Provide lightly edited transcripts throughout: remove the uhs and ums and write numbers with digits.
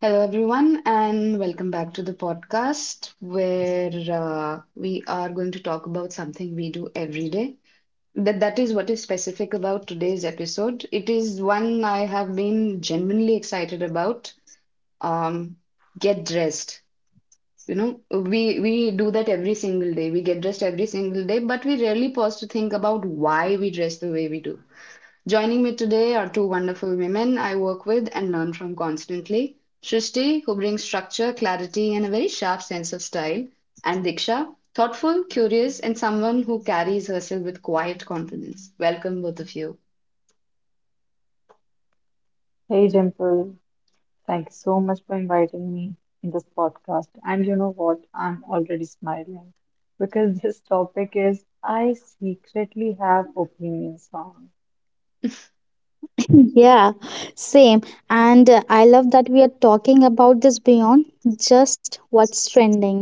Hello, everyone, and welcome back to the podcast where we are going to talk about something we do every day. That is what is specific about today's episode. It is one I have been genuinely excited about. Um, get dressed. You know, we do that every single day. We get dressed every single day, but we rarely pause to think about why we dress the way we do. Joining me today are two wonderful women I work with and learn from constantly Srishti, who brings structure, clarity, and a very sharp sense of style, and Diksha, thoughtful, curious, and someone who carries herself with quiet confidence. Welcome, both of you. Hey Dimple, thanks so much for inviting me in this podcast. And you know what? I'm already smiling because this topic is I secretly have opinions on. Yeah, same. And I love that we are talking about this beyond just what's trending.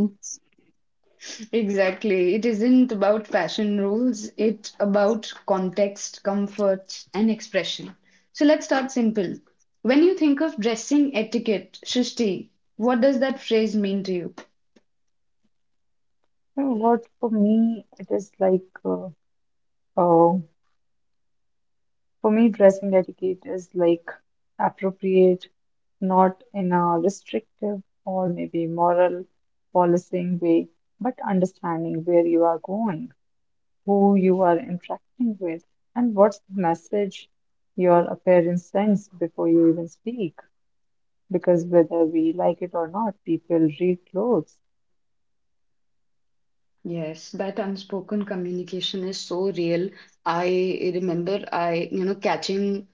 Exactly. It isn't about fashion rules, it's about context, comfort, and expression. So let's start simple. When you think of dressing etiquette, Srishti, what does that phrase mean to you? You know what, for me it is like oh for me dressing etiquette is like appropriate, not in a restrictive or maybe moral policing way, but understanding where you are going, who you are interacting with, and what's the message your appearance sends before you even speak. Because whether we like it or not, people read clothes. Yes, that unspoken communication is so real. I remember you know, catching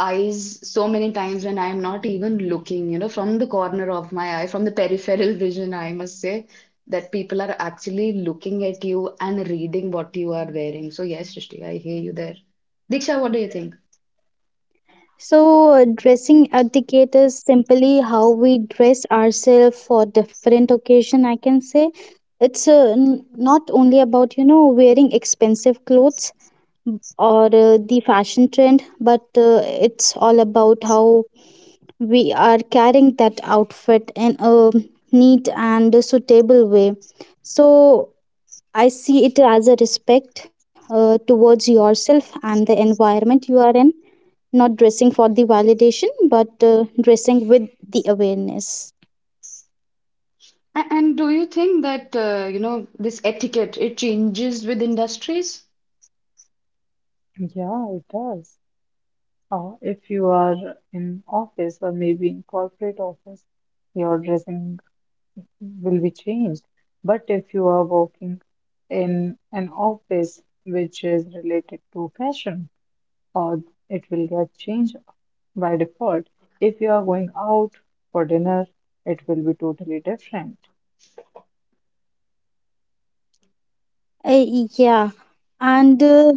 eyes so many times when I am not even looking, you know, from the corner of my eye, from the peripheral vision, I must say, that people are actually looking at you and reading what you are wearing. So yes, Srishti, I hear you there. Diksha, what do you think? So, dressing etiquette is simply how we dress ourselves for different occasion, I can say. It's not only about, you know, wearing expensive clothes or the fashion trend, but it's all about how we are carrying that outfit in a neat and suitable way. So, I see it as a respect towards yourself and the environment you are in, not dressing for the validation, but dressing with the awareness. And do you think that, you know, this etiquette, it changes with industries? Yeah, it does. Or if you are in office or maybe in corporate office, your dressing will be changed. But if you are working in an office which is related to fashion, or it will get changed. By default, if you are going out for dinner, it will be totally different. Uh, yeah. And,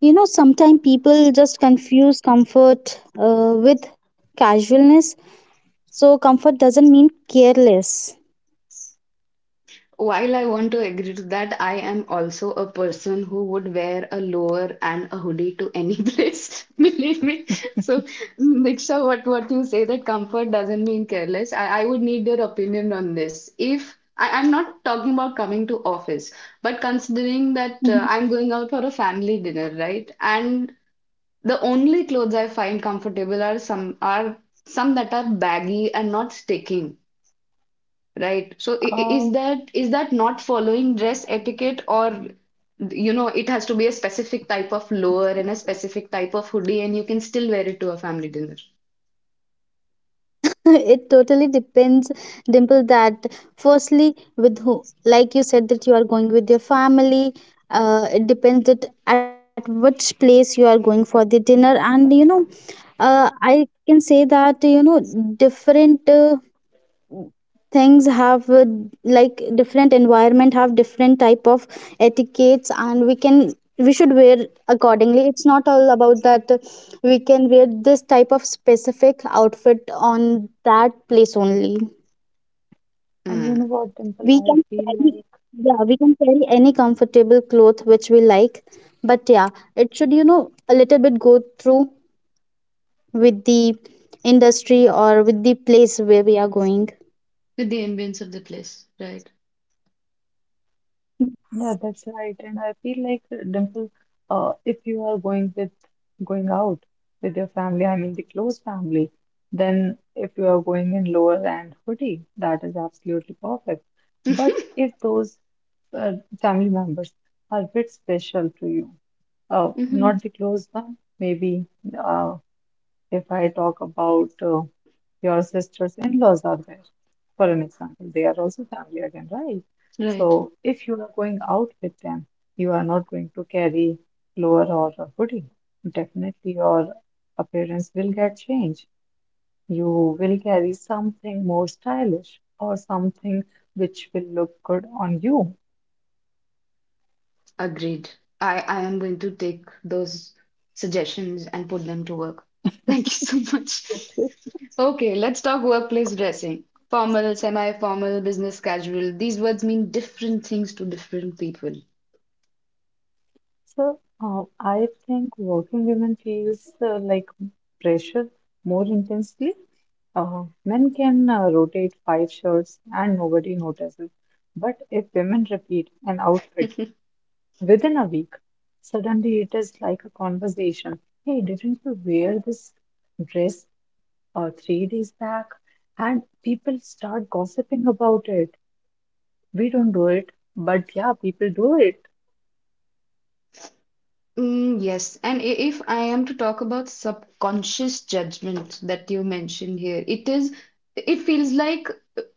you know, sometimes people just confuse comfort with casualness. So, comfort doesn't mean careless. While I want to agree to that, I am also a person who would wear a lower and a hoodie to any place, believe me. So, Diksha, what you say that comfort doesn't mean careless, I would need your opinion on this. If I, I'm not talking about coming to office, but considering Mm-hmm. that I'm going out for a family dinner, right? And the only clothes I find comfortable are some that are baggy and not sticking. Right. So Uh, is that not following dress etiquette or you know it has to be a specific type of lower and a specific type of hoodie and you can still wear it to a family dinner. It totally depends, Dimple, that firstly with who, like you said, that you are going with your family. It depends that at which place you are going for the dinner, and you know, I can say that, you know, different things have like different environment have different type of etiquettes, and we should wear accordingly. It's not all about that we can wear this type of specific outfit on that place only. and you know Mm. what, Dimple, We can I feel carry like, Yeah, we can carry any comfortable cloth which we like, but yeah, it should, you know, a little bit go through with the industry or with the place where we are going. With the ambience of the place, right? yeah, that's right. And I feel like, Dimple, if you are going out with your family, I mean the close family, then if you are going in lower and hoodie, that is absolutely perfect. But if those uh, family members are a bit special to you, Hmm. not the close one, maybe uh, if I talk about your sister's in-laws are there, for an example, they are also family again, right? Right. So if you are going out with them, you are not going to carry lower or a hoodie. Definitely your appearance will get changed. You will carry something more stylish or something which will look good on you. Agreed. I am going to take those suggestions and put them to work. Thank you so much. Okay, let's talk workplace dressing. Formal, semi-formal, business casual. These words mean different things to different people. So, I think working women feels like pressure more intensely. Men can rotate five shirts and nobody notices. But if women repeat an outfit within a week, suddenly it is like a conversation. Hey, didn't you wear this dress 3 days back? And people start gossiping about it. We don't do it, but yeah, people do it. Mm, yes, and if I am to talk about subconscious judgment that you mentioned here, it feels like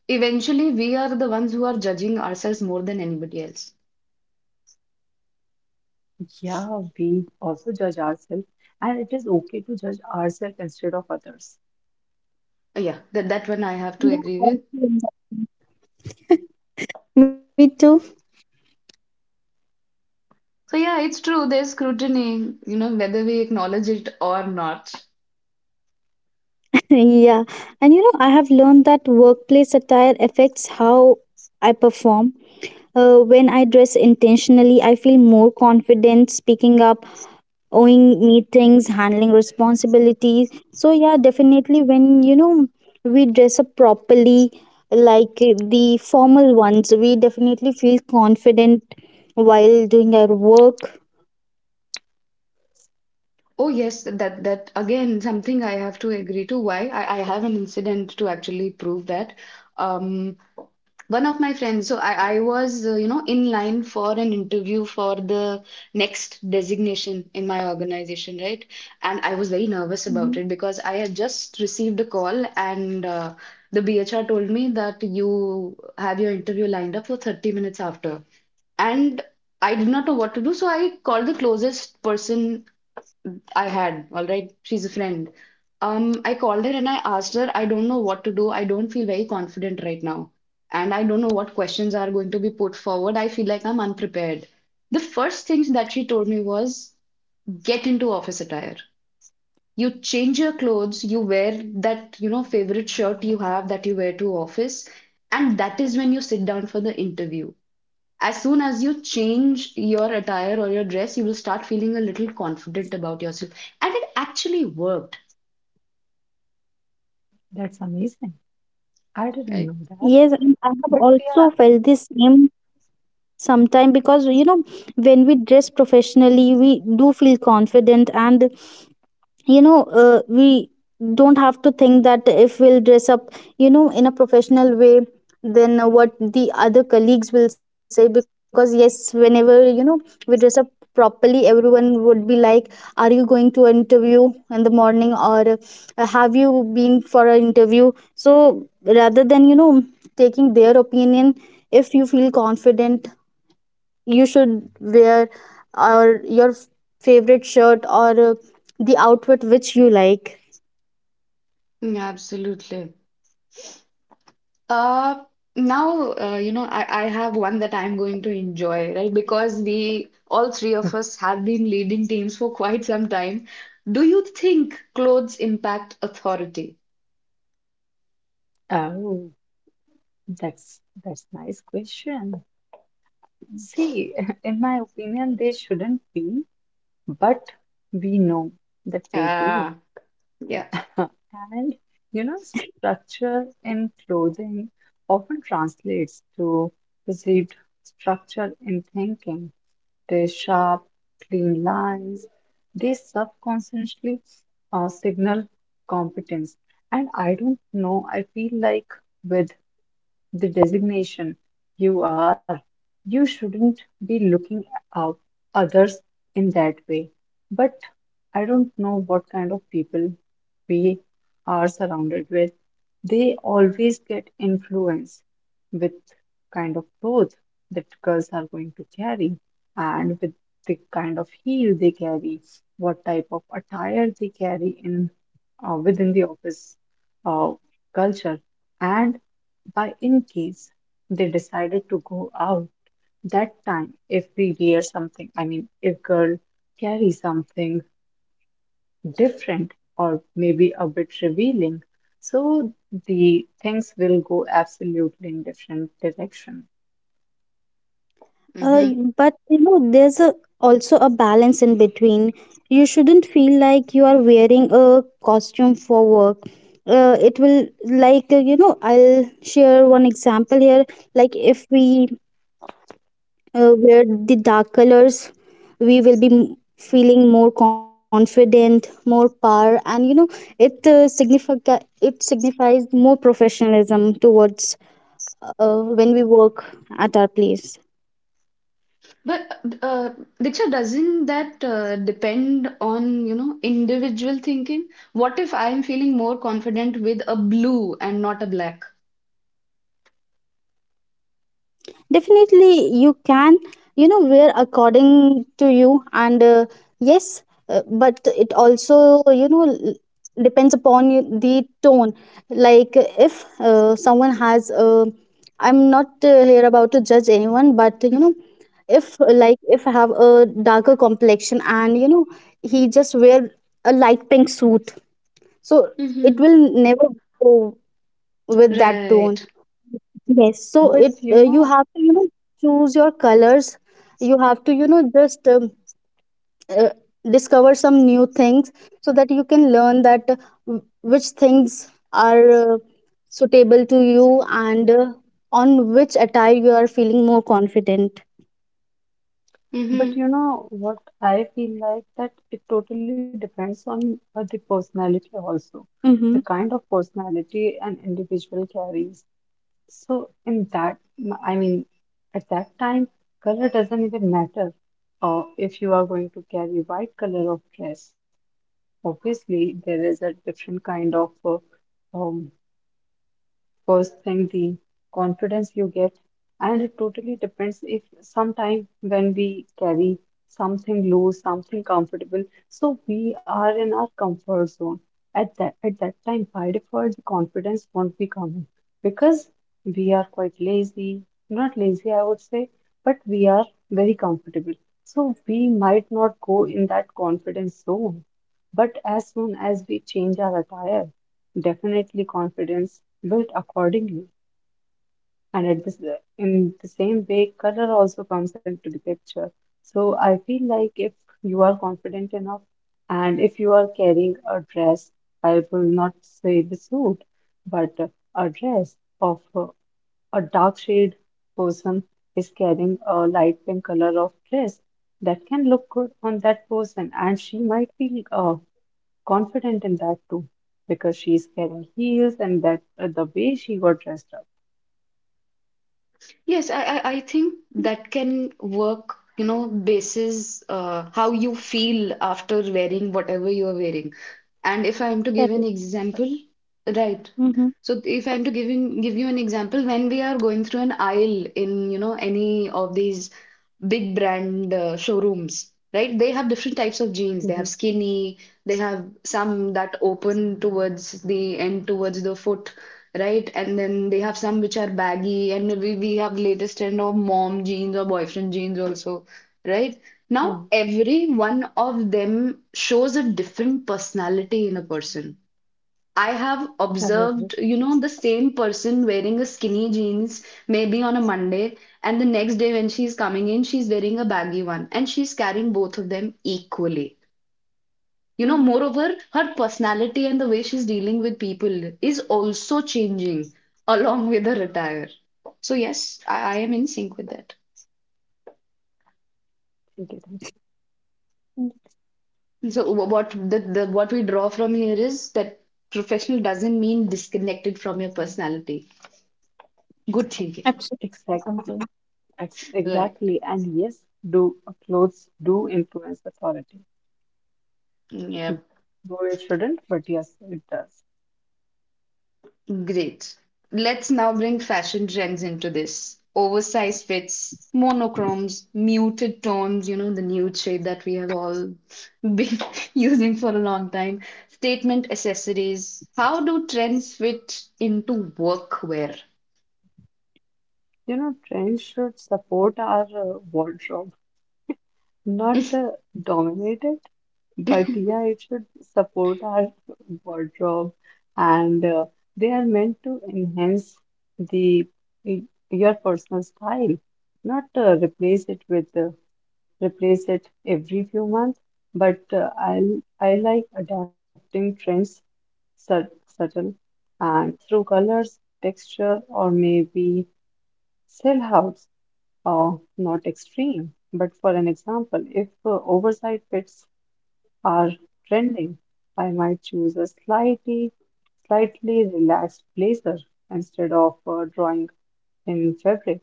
eventually we are the ones who are judging ourselves more than anybody else. Yeah, we also judge ourselves, and it is okay to judge ourselves instead of others. Yeah, that one I have to agree with. Yeah, I agree on that. Me too. So, yeah, it's true, there's scrutiny, you know, whether we acknowledge it or not. Yeah, and you know, I have learned that workplace attire affects how I perform. When I dress intentionally, I feel more confident speaking up, owning meetings, handling responsibilities. So, yeah, definitely when you know we dress up properly, like the formal ones, we definitely feel confident while doing our work. Oh, yes, that again, something I have to agree to. Why? I have an incident to actually prove that. Um, One of my friends, so I was, you know, in line for an interview for the next designation in my organization, right? And I was very nervous Mhm. about it because I had just received a call and the BHR told me that you have your interview lined up for 30 minutes after. And I did not know what to do, so I called the closest person I had, all right. She's a friend. I called her and I asked her, I don't know what to do. I don't feel very confident right now. And I don't know what questions are going to be put forward. I feel like I'm unprepared. The first thing that she told me was get into office attire. You change your clothes, you wear that, you know, favorite shirt you have that you wear to office, and that is when you sit down for the interview. As soon as you change your attire or your dress, you will start feeling a little confident about yourself. And it actually worked, That's amazing. I didn't right? know Yes, that. and I have But also yeah, felt the same sometime, because you know when we dress professionally we do feel confident, and you know we don't have to think that if we'll dress up, you know, in a professional way, then what the other colleagues will say, because yes, whenever you know we dress up properly, everyone would be like, are you going to an interview in the morning, or have you been for an interview? So rather than, you know, taking their opinion, if you feel confident, you should wear or your favorite shirt or the outfit which you like. Yeah, absolutely. Uh, now, you know, I have one that I'm going to enjoy, right? Because we, all three of us, have been leading teams for quite some time. Do you think clothes impact authority? oh, that's that's nice question. See, in my opinion, they shouldn't be, but we know that they do. Ah, yeah. And you know, structure in clothing often translates to perceived structure in thinking. Their sharp, clean lines, they subconsciously signal competence. And I don't know, I feel like with the designation you are. You shouldn't be looking out others in that way. But I don't know what kind of people we are surrounded with. They always get influenced with kind of clothes that girls are going to carry, and with the kind of heel they carry, what type of attire they carry in within the office uh, culture. And by in case they decided to go out that time, if we wear something, I mean, if girl carry something different or maybe a bit revealing, so the things will go absolutely in different direction. Uh, but you know, there's also a balance in between. You shouldn't feel like you are wearing a costume for work. It will, like you know, I'll share one example here. Like if we wear the dark colors, we will be feeling more confident, more power, and you know it significa it signifies more professionalism towards when we work at our place. But Diksha, doesn't that depend on, you know, individual thinking? What if I'm feeling more confident with a blue and not a black? Definitely you can, you know, wear according to you, and yes but it also, you know, depends upon the tone. Like if someone has I'm not here about to judge anyone, but you know, if, like if I have a darker complexion, and you know he just wear a light pink suit, so it Mm-hmm. will never go with that tone. Right. Yes, so it But you you have know, to, you know, choose your colors. You have to, you know, just uh, discover some new things so that you can learn that which things are suitable to you, and on which attire you are feeling more confident. but Mm-hmm. you know what, I feel like that it totally depends on the personality also, the Mm-hmm. kind of personality an individual carries. So in that, I mean, at that time, color doesn't even matter. If you are going to carry white color of dress, obviously there is a different kind of um, first thing, the confidence you get, and it totally depends if sometime when we carry something loose, something comfortable, so we are in our comfort zone. At that time, by default, the confidence won't be coming because we are quite lazy, not lazy, I would say, but we are very comfortable. So we might not go in that confidence zone. But as soon as we change our attire, definitely confidence built accordingly, and at this in the same way color also comes into the picture. So I feel like if you are confident enough and if you are carrying a dress, I will not say the suit, but a dress of a dark shade, person is carrying a light pink color of dress, that can look good on that person and she might feel confident in that too, because she's carrying heels and that the way she got dressed up. Yes, I think that can work, you know, basis how you feel after wearing whatever you're wearing. And if I'm to give an But example, right. Mm-hmm. So if I'm to give give you an example, when we are going through an aisle in, you know, any of these big brand showrooms, right? They have different types of jeans. They have mm-hmm. skinny, they have some that open towards the end, towards the foot, right? And then they have some which are baggy, and we have latest trend of mom jeans or boyfriend jeans also, right? Now, Yeah, every one of them shows a different personality in a person. I have I observed, agree. you know, the same person wearing a skinny jeans maybe on a Monday, and the next day when she's coming in, she's wearing a baggy one, and she's carrying both of them equally. You know, Mm-hmm. moreover, her personality and the way she's dealing with people is also changing along with her attire. So yes, I am in sync with that. Okay, thank you. So what the what we draw from here is that professional doesn't mean disconnected from your personality. Good thinking. Exactly, Absolutely. Right. exactly, and yes, do clothes do influence authority. You. Yep. Though it shouldn't, but yes, it does. Great. Let's now bring fashion trends into this. Oversized fits, monochromes, muted tones, you know, the nude shade that we have all been using for a long time, statement accessories. How do trends fit into workwear? You know, trends should support our wardrobe, not dominate it. But yeah, it should support our wardrobe, and they are meant to enhance the y- your personal style, not replace it with replace it every few months. But I like adapting trends sub- subtle and through colors, texture, or maybe silhouettes, or not extreme. But for an example, if oversized fits are trending, I might choose a slightly relaxed blazer instead of drawing in fabric.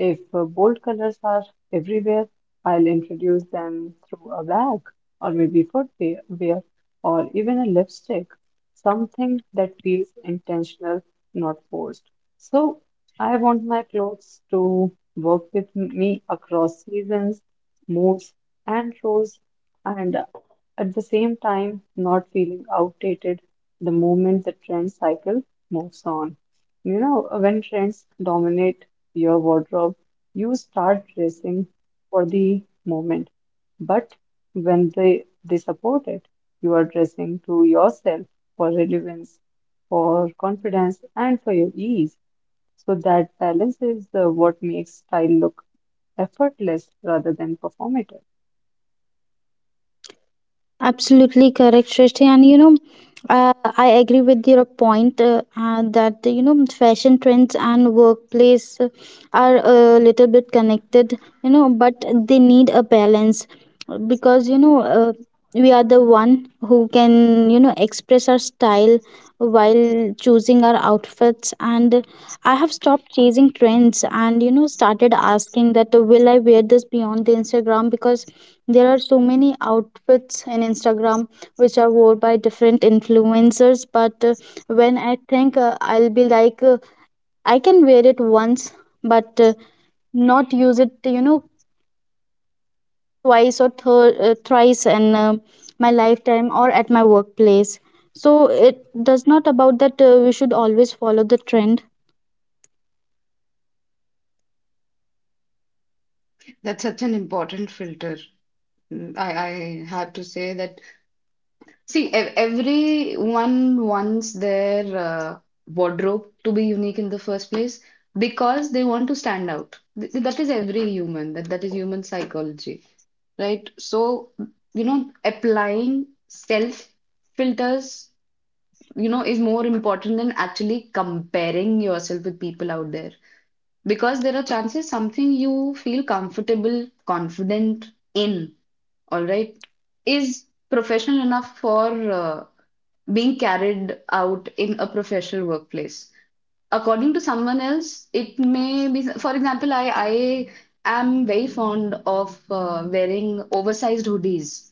If bold colors are everywhere, I'll introduce them through a bag or maybe footwear wear, or even a lipstick, something that feels intentional, not forced. So I want my clothes to work with me across seasons, moods, and roles, and at the same time, not feeling outdated the moment the trend cycle moves on. You know, when trends dominate your wardrobe, you start dressing for the moment. But when they support it, you are dressing to yourself for relevance, for confidence, and for your ease. So that balance is what makes style look effortless rather than performative. Absolutely correct, Shrishti. And you know, I agree with your point, that you know fashion trends and workplace are a little bit connected. You know, but they need a balance, because you know we are the one who can, you know, express our style while choosing our outfits. And I have stopped chasing trends, and you know, started asking that will I wear this beyond the Instagram, because there are so many outfits in Instagram which are worn by different influencers. But when I think, I'll be like, I can wear it once, but not use it, you know, twice or thrice in my lifetime or at my workplace. So it does not about that we should always follow the trend. That's such an important filter. Mm, I have to say that. See, everyone wants their wardrobe to be unique in the first place because they want to stand out. That is every human, that is human psychology, right? So, you know, applying self filters, you know, is more important than actually comparing yourself with people out there because there are chances something you feel comfortable, confident in, all right, is professional enough for being carried out in a professional workplace. According to someone else, it may be, for example, I am very fond of wearing oversized hoodies.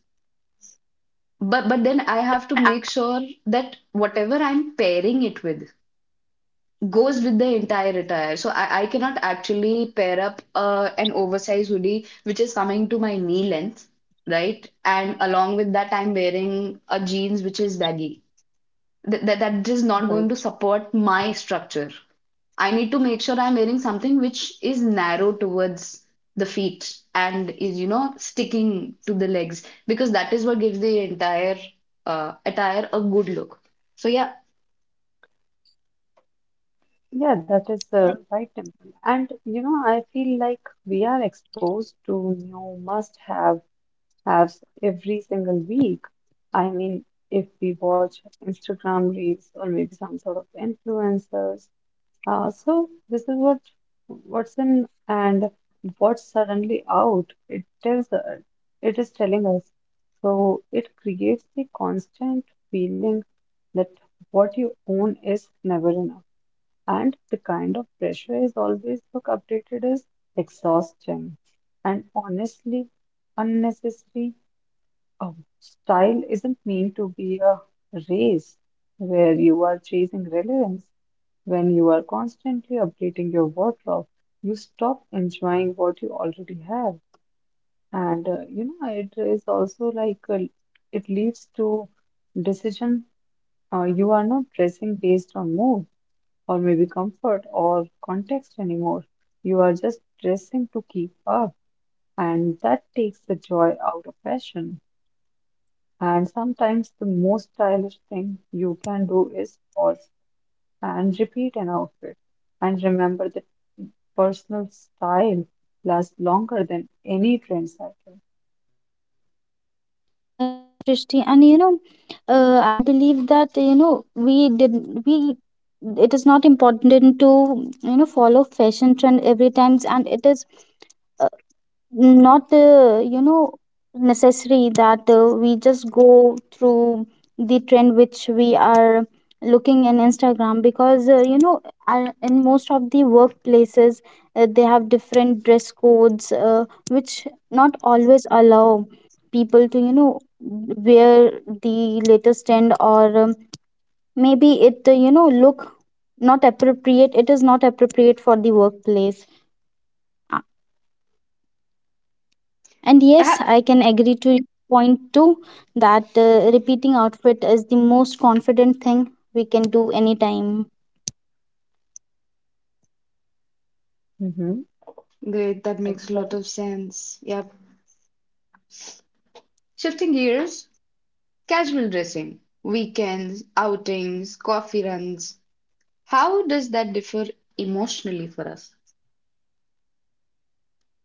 But then I have to make sure that whatever I'm pairing it with, goes with the entire attire. So I cannot actually pair up an oversized hoodie which is coming to my knee length, right? And along with that, I'm wearing a jeans which is baggy. That is not going Right. to support my structure. I need to make sure I'm wearing something which is narrow towards the feet and is, you know, sticking to the legs because that is what gives the entire attire a good look. So yeah, Yeah, that is the right temple. And you know, I feel like we are exposed to new must have every single week. I mean, if we watch Instagram reels or maybe some sort of influencers. So this is what what's in and what's suddenly out. It tells us, it is telling us. So it creates the constant feeling that what you own is never enough. And the kind of pressure is always look updated is exhausting and honestly unnecessary. Um, style isn't meant to be a race where you are chasing relevance. When you are constantly updating your wardrobe, you stop enjoying what you already have. And you know, it is also like it leads to decision. You are not dressing based on mood or maybe comfort or context anymore. You are just dressing to keep up, and that takes the joy out of fashion. And sometimes the most stylish thing you can do is pause and repeat an outfit and remember that personal style lasts longer than any trend cycle. Rishti. And you know, I believe that you know we. It is not important to, you know, follow fashion trend every times, and it is uh, not you know, necessary that we just go through the trend which we are looking in Instagram, because you know, I, in most of the workplaces they have different dress codes which not always allow people to, you know, wear the latest trend, or maybe it you know look not appropriate it is not appropriate for the workplace. And I yes, have. I can agree to point two that repeating outfit is the most confident thing we can do anytime. Hmm. Great, that makes a That's lot of right. sense. Yep. Shifting gears, casual dressing, weekends, outings, coffee runs. How does that differ emotionally for us?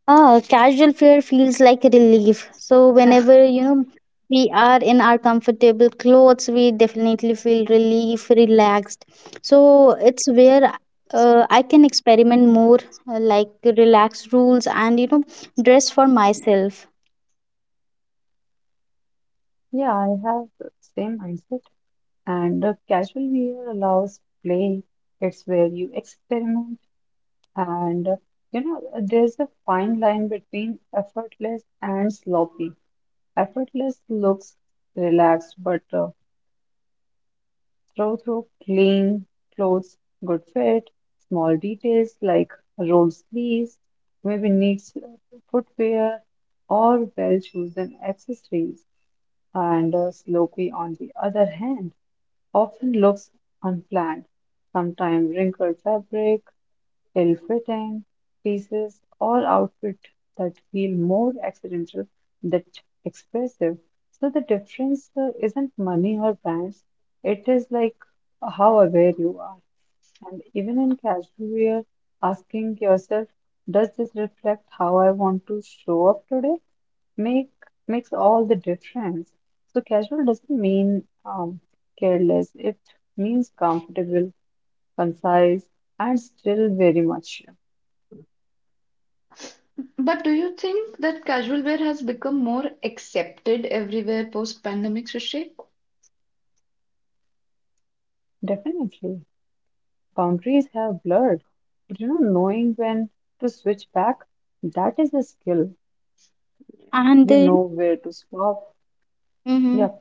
Ah, casual wear feels like relief. So whenever you know we are in our comfortable clothes, we definitely feel relief, relaxed. So it's where I can experiment more, like relax rules and you know dress for myself. Yeah, I have the same mindset. And casual wear allows play. It's where you experiment. And, you know, there's a fine line between effortless and sloppy. Effortless looks relaxed, but throw through clean clothes, good fit, small details like rolled sleeves, maybe neat footwear or well-chosen accessories. And a sloppy, on the other hand, often looks unplanned, sometimes wrinkled fabric, little and pieces, all outfit that feel more accidental than expressive. So the difference isn't money or brands, it is like how aware you are. And even in casual wear, asking yourself, does this reflect how I want to show up today? Make makes all the difference. So casual doesn't mean careless. It means comfortable, concise, and still very much But do you think that casual wear has become more accepted everywhere post-pandemic, Srishi? definitely. Boundaries have blurred, but you know, knowing when to switch back, that is a skill. You know And where to stop. Yeah, please. mhm.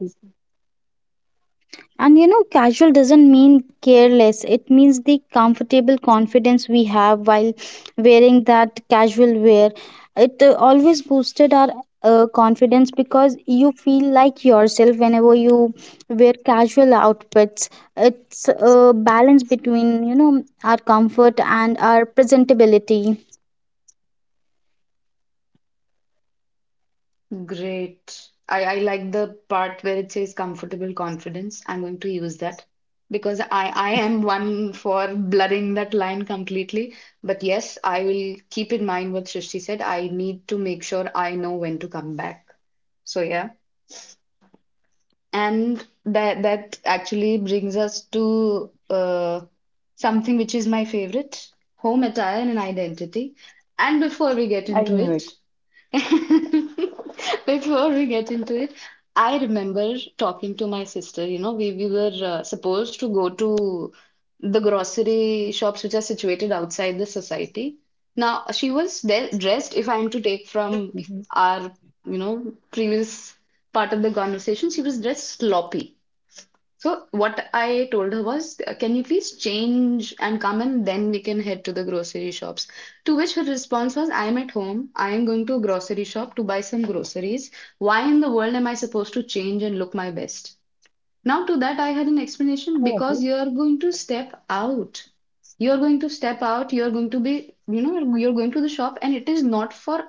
And you know, casual doesn't mean careless. It means the comfortable confidence we have while wearing that casual wear. It always boosted our confidence, because you feel like yourself whenever you wear casual outfits. It's a balance between, you know, our comfort and our presentability. Great. I like the part where it says comfortable confidence. I'm going to use that because I am one for blurring that line completely. But yes, I will keep in mind what Srishti said. I need to make sure I know when to come back. So, yeah. And that actually brings us to something which is my favorite, home attire and I knew identity. it. And before we get into it, before we get into it, I remember talking to my sister. You know, we were supposed to go to the grocery shops which are situated outside the society. Now she was de Mhm. dressed, if I am to take from our, you know, previous part of the conversation, she was dressed sloppy. So what I told her was, "Can you please change and come and then we can head to the grocery shops?" To which her response was, "I am at home. I am going to a grocery shop to buy some groceries. Why in the world am I supposed to change and look my best?" Now to that I had an I explanation agree. because you are going to step out. You are going to step out, you are going to be, you know, you're going to the shop and it is not for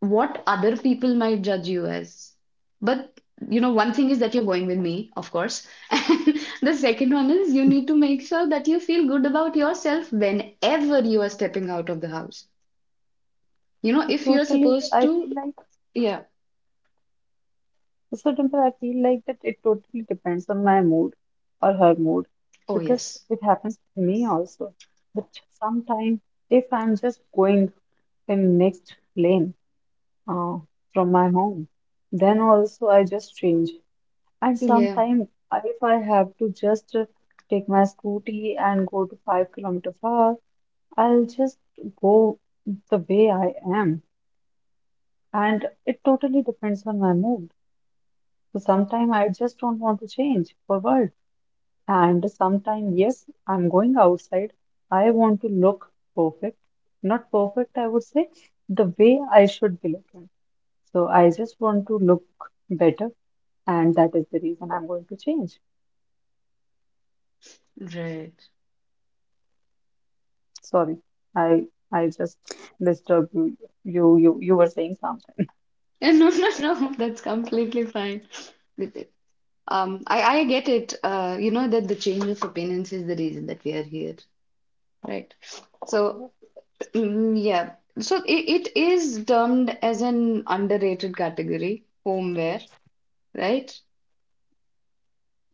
what other people might judge you as. But you know, one thing is that you're going with me, of course. And the second one is you need to make sure that you feel good about yourself whenever you are stepping out of the house. You know, It if you're totally, supposed I to, feel like, yeah. so Dimple, I feel like that it totally depends on my mood or her mood Oh, because yes. it happens to me also. But sometimes, if I'm just going in next lane uh, from my home, then also I just change. And Yeah. sometimes, if I have to just take my scooty and go to 5 kilometers far, I'll just go the way I am. And it totally depends on my mood. So sometimes I just don't want to change for world. And sometimes, yes, I'm going outside. I want to look perfect. Not perfect, I would say, the way I should be looking. So I just want to look better. And that is the reason I'm going to change. Right. Sorry, I I just disturbed you. You were saying something. Yeah, no, no, no. That's completely fine. With it. I get it. You know that the change of opinions is the reason that we are here, right? So mm, yeah. So it is termed as an underrated category, homeware, right?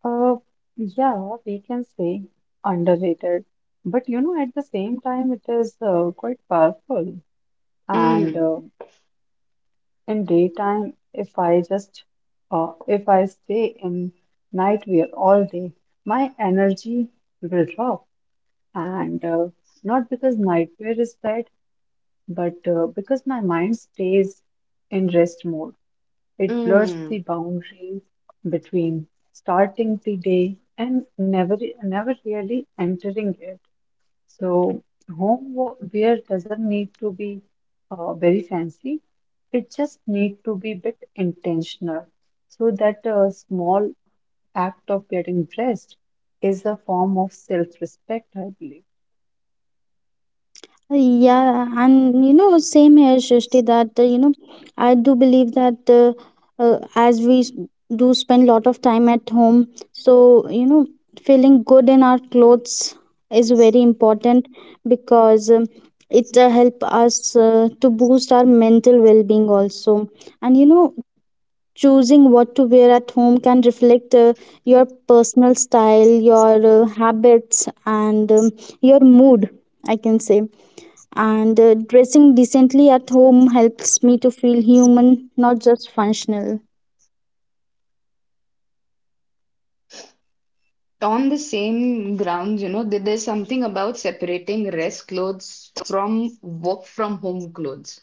Uh, yeah, we can say underrated, but you know, at the same time, it is quite powerful. And Mm, in daytime, if I just if I stay in nightwear all day, my energy will drop. And not because nightwear is bad, but because my mind stays in rest mode. It blurs mm. the boundaries between starting the day and never really entering it. So homeware doesn't need to be very fancy. It just need to be a bit intentional. So that a small act of getting dressed is a form of self-respect, I believe. Yeah, and you know, same here, Shrishti, that you know, I do believe that as do spend lot of time at home, so you know, feeling good in our clothes is very important, because it help us to boost our mental well-being also. And you know, choosing what to wear at home can reflect your personal style, your habits, and your mood, I can say, and dressing decently at home helps me to feel human, not just functional. On the same grounds, you know, there's something about separating rest clothes from work from home clothes.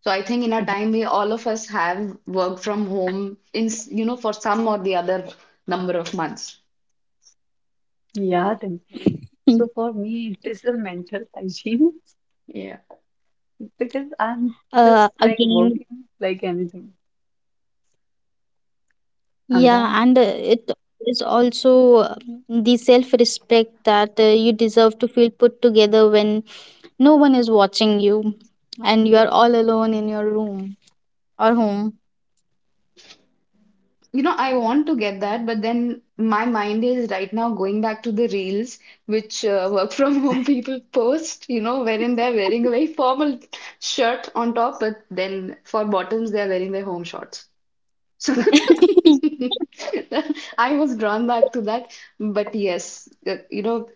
So I think in our time, we all of us have worked from home in, you know, for some or the other number of months. Yeah, Dimple. So for me, it is a mental hygiene because I'm just Again, like working like anything. I'm yeah, done. and it is also the self respect that you deserve to feel put together when no one is watching you and you are all alone in your room or home. You know, I want to get that, but then my mind is right now going back to the reels which work from home people post, you know, wherein they're wearing a very formal shirt on top, but then for bottoms, they're wearing their home shorts. So I was drawn back to that, but yes, you know,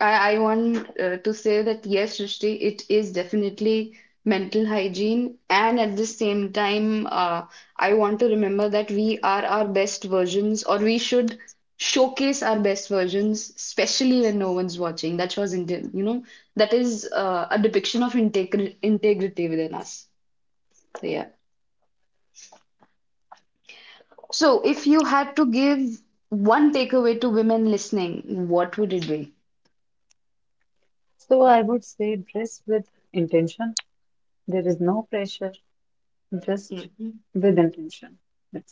I want to say that yes, Srishti, it is definitely mental hygiene, and at the same time, I want to remember that we are our best versions, or we should showcase our best versions, especially when no one's watching. That shows, you know, that is a depiction of integrity within us. So yeah. So, if you had to give one takeaway to women listening, what would it be? So I would say dress with intention. There is no pressure, just Mhm. with intention. That's it.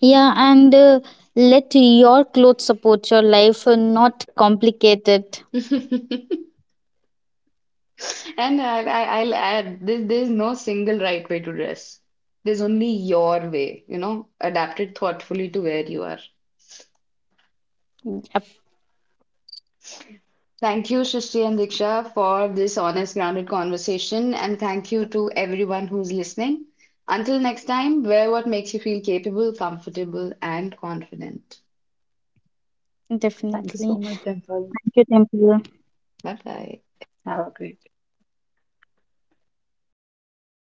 Yeah, and let your clothes support your life, not complicate it. And I'll add this, there's no single right way to dress. There's only your way, you know, adapted thoughtfully to where you are. Yep, Thank you, So Srishti and Diksha, for this honest, grounded conversation. And thank you to everyone who's listening. Until next time, wear what makes you feel capable, comfortable, and confident. thank you so much, definitely. Dimple. Thank you, Temple. Bye bye. Have a great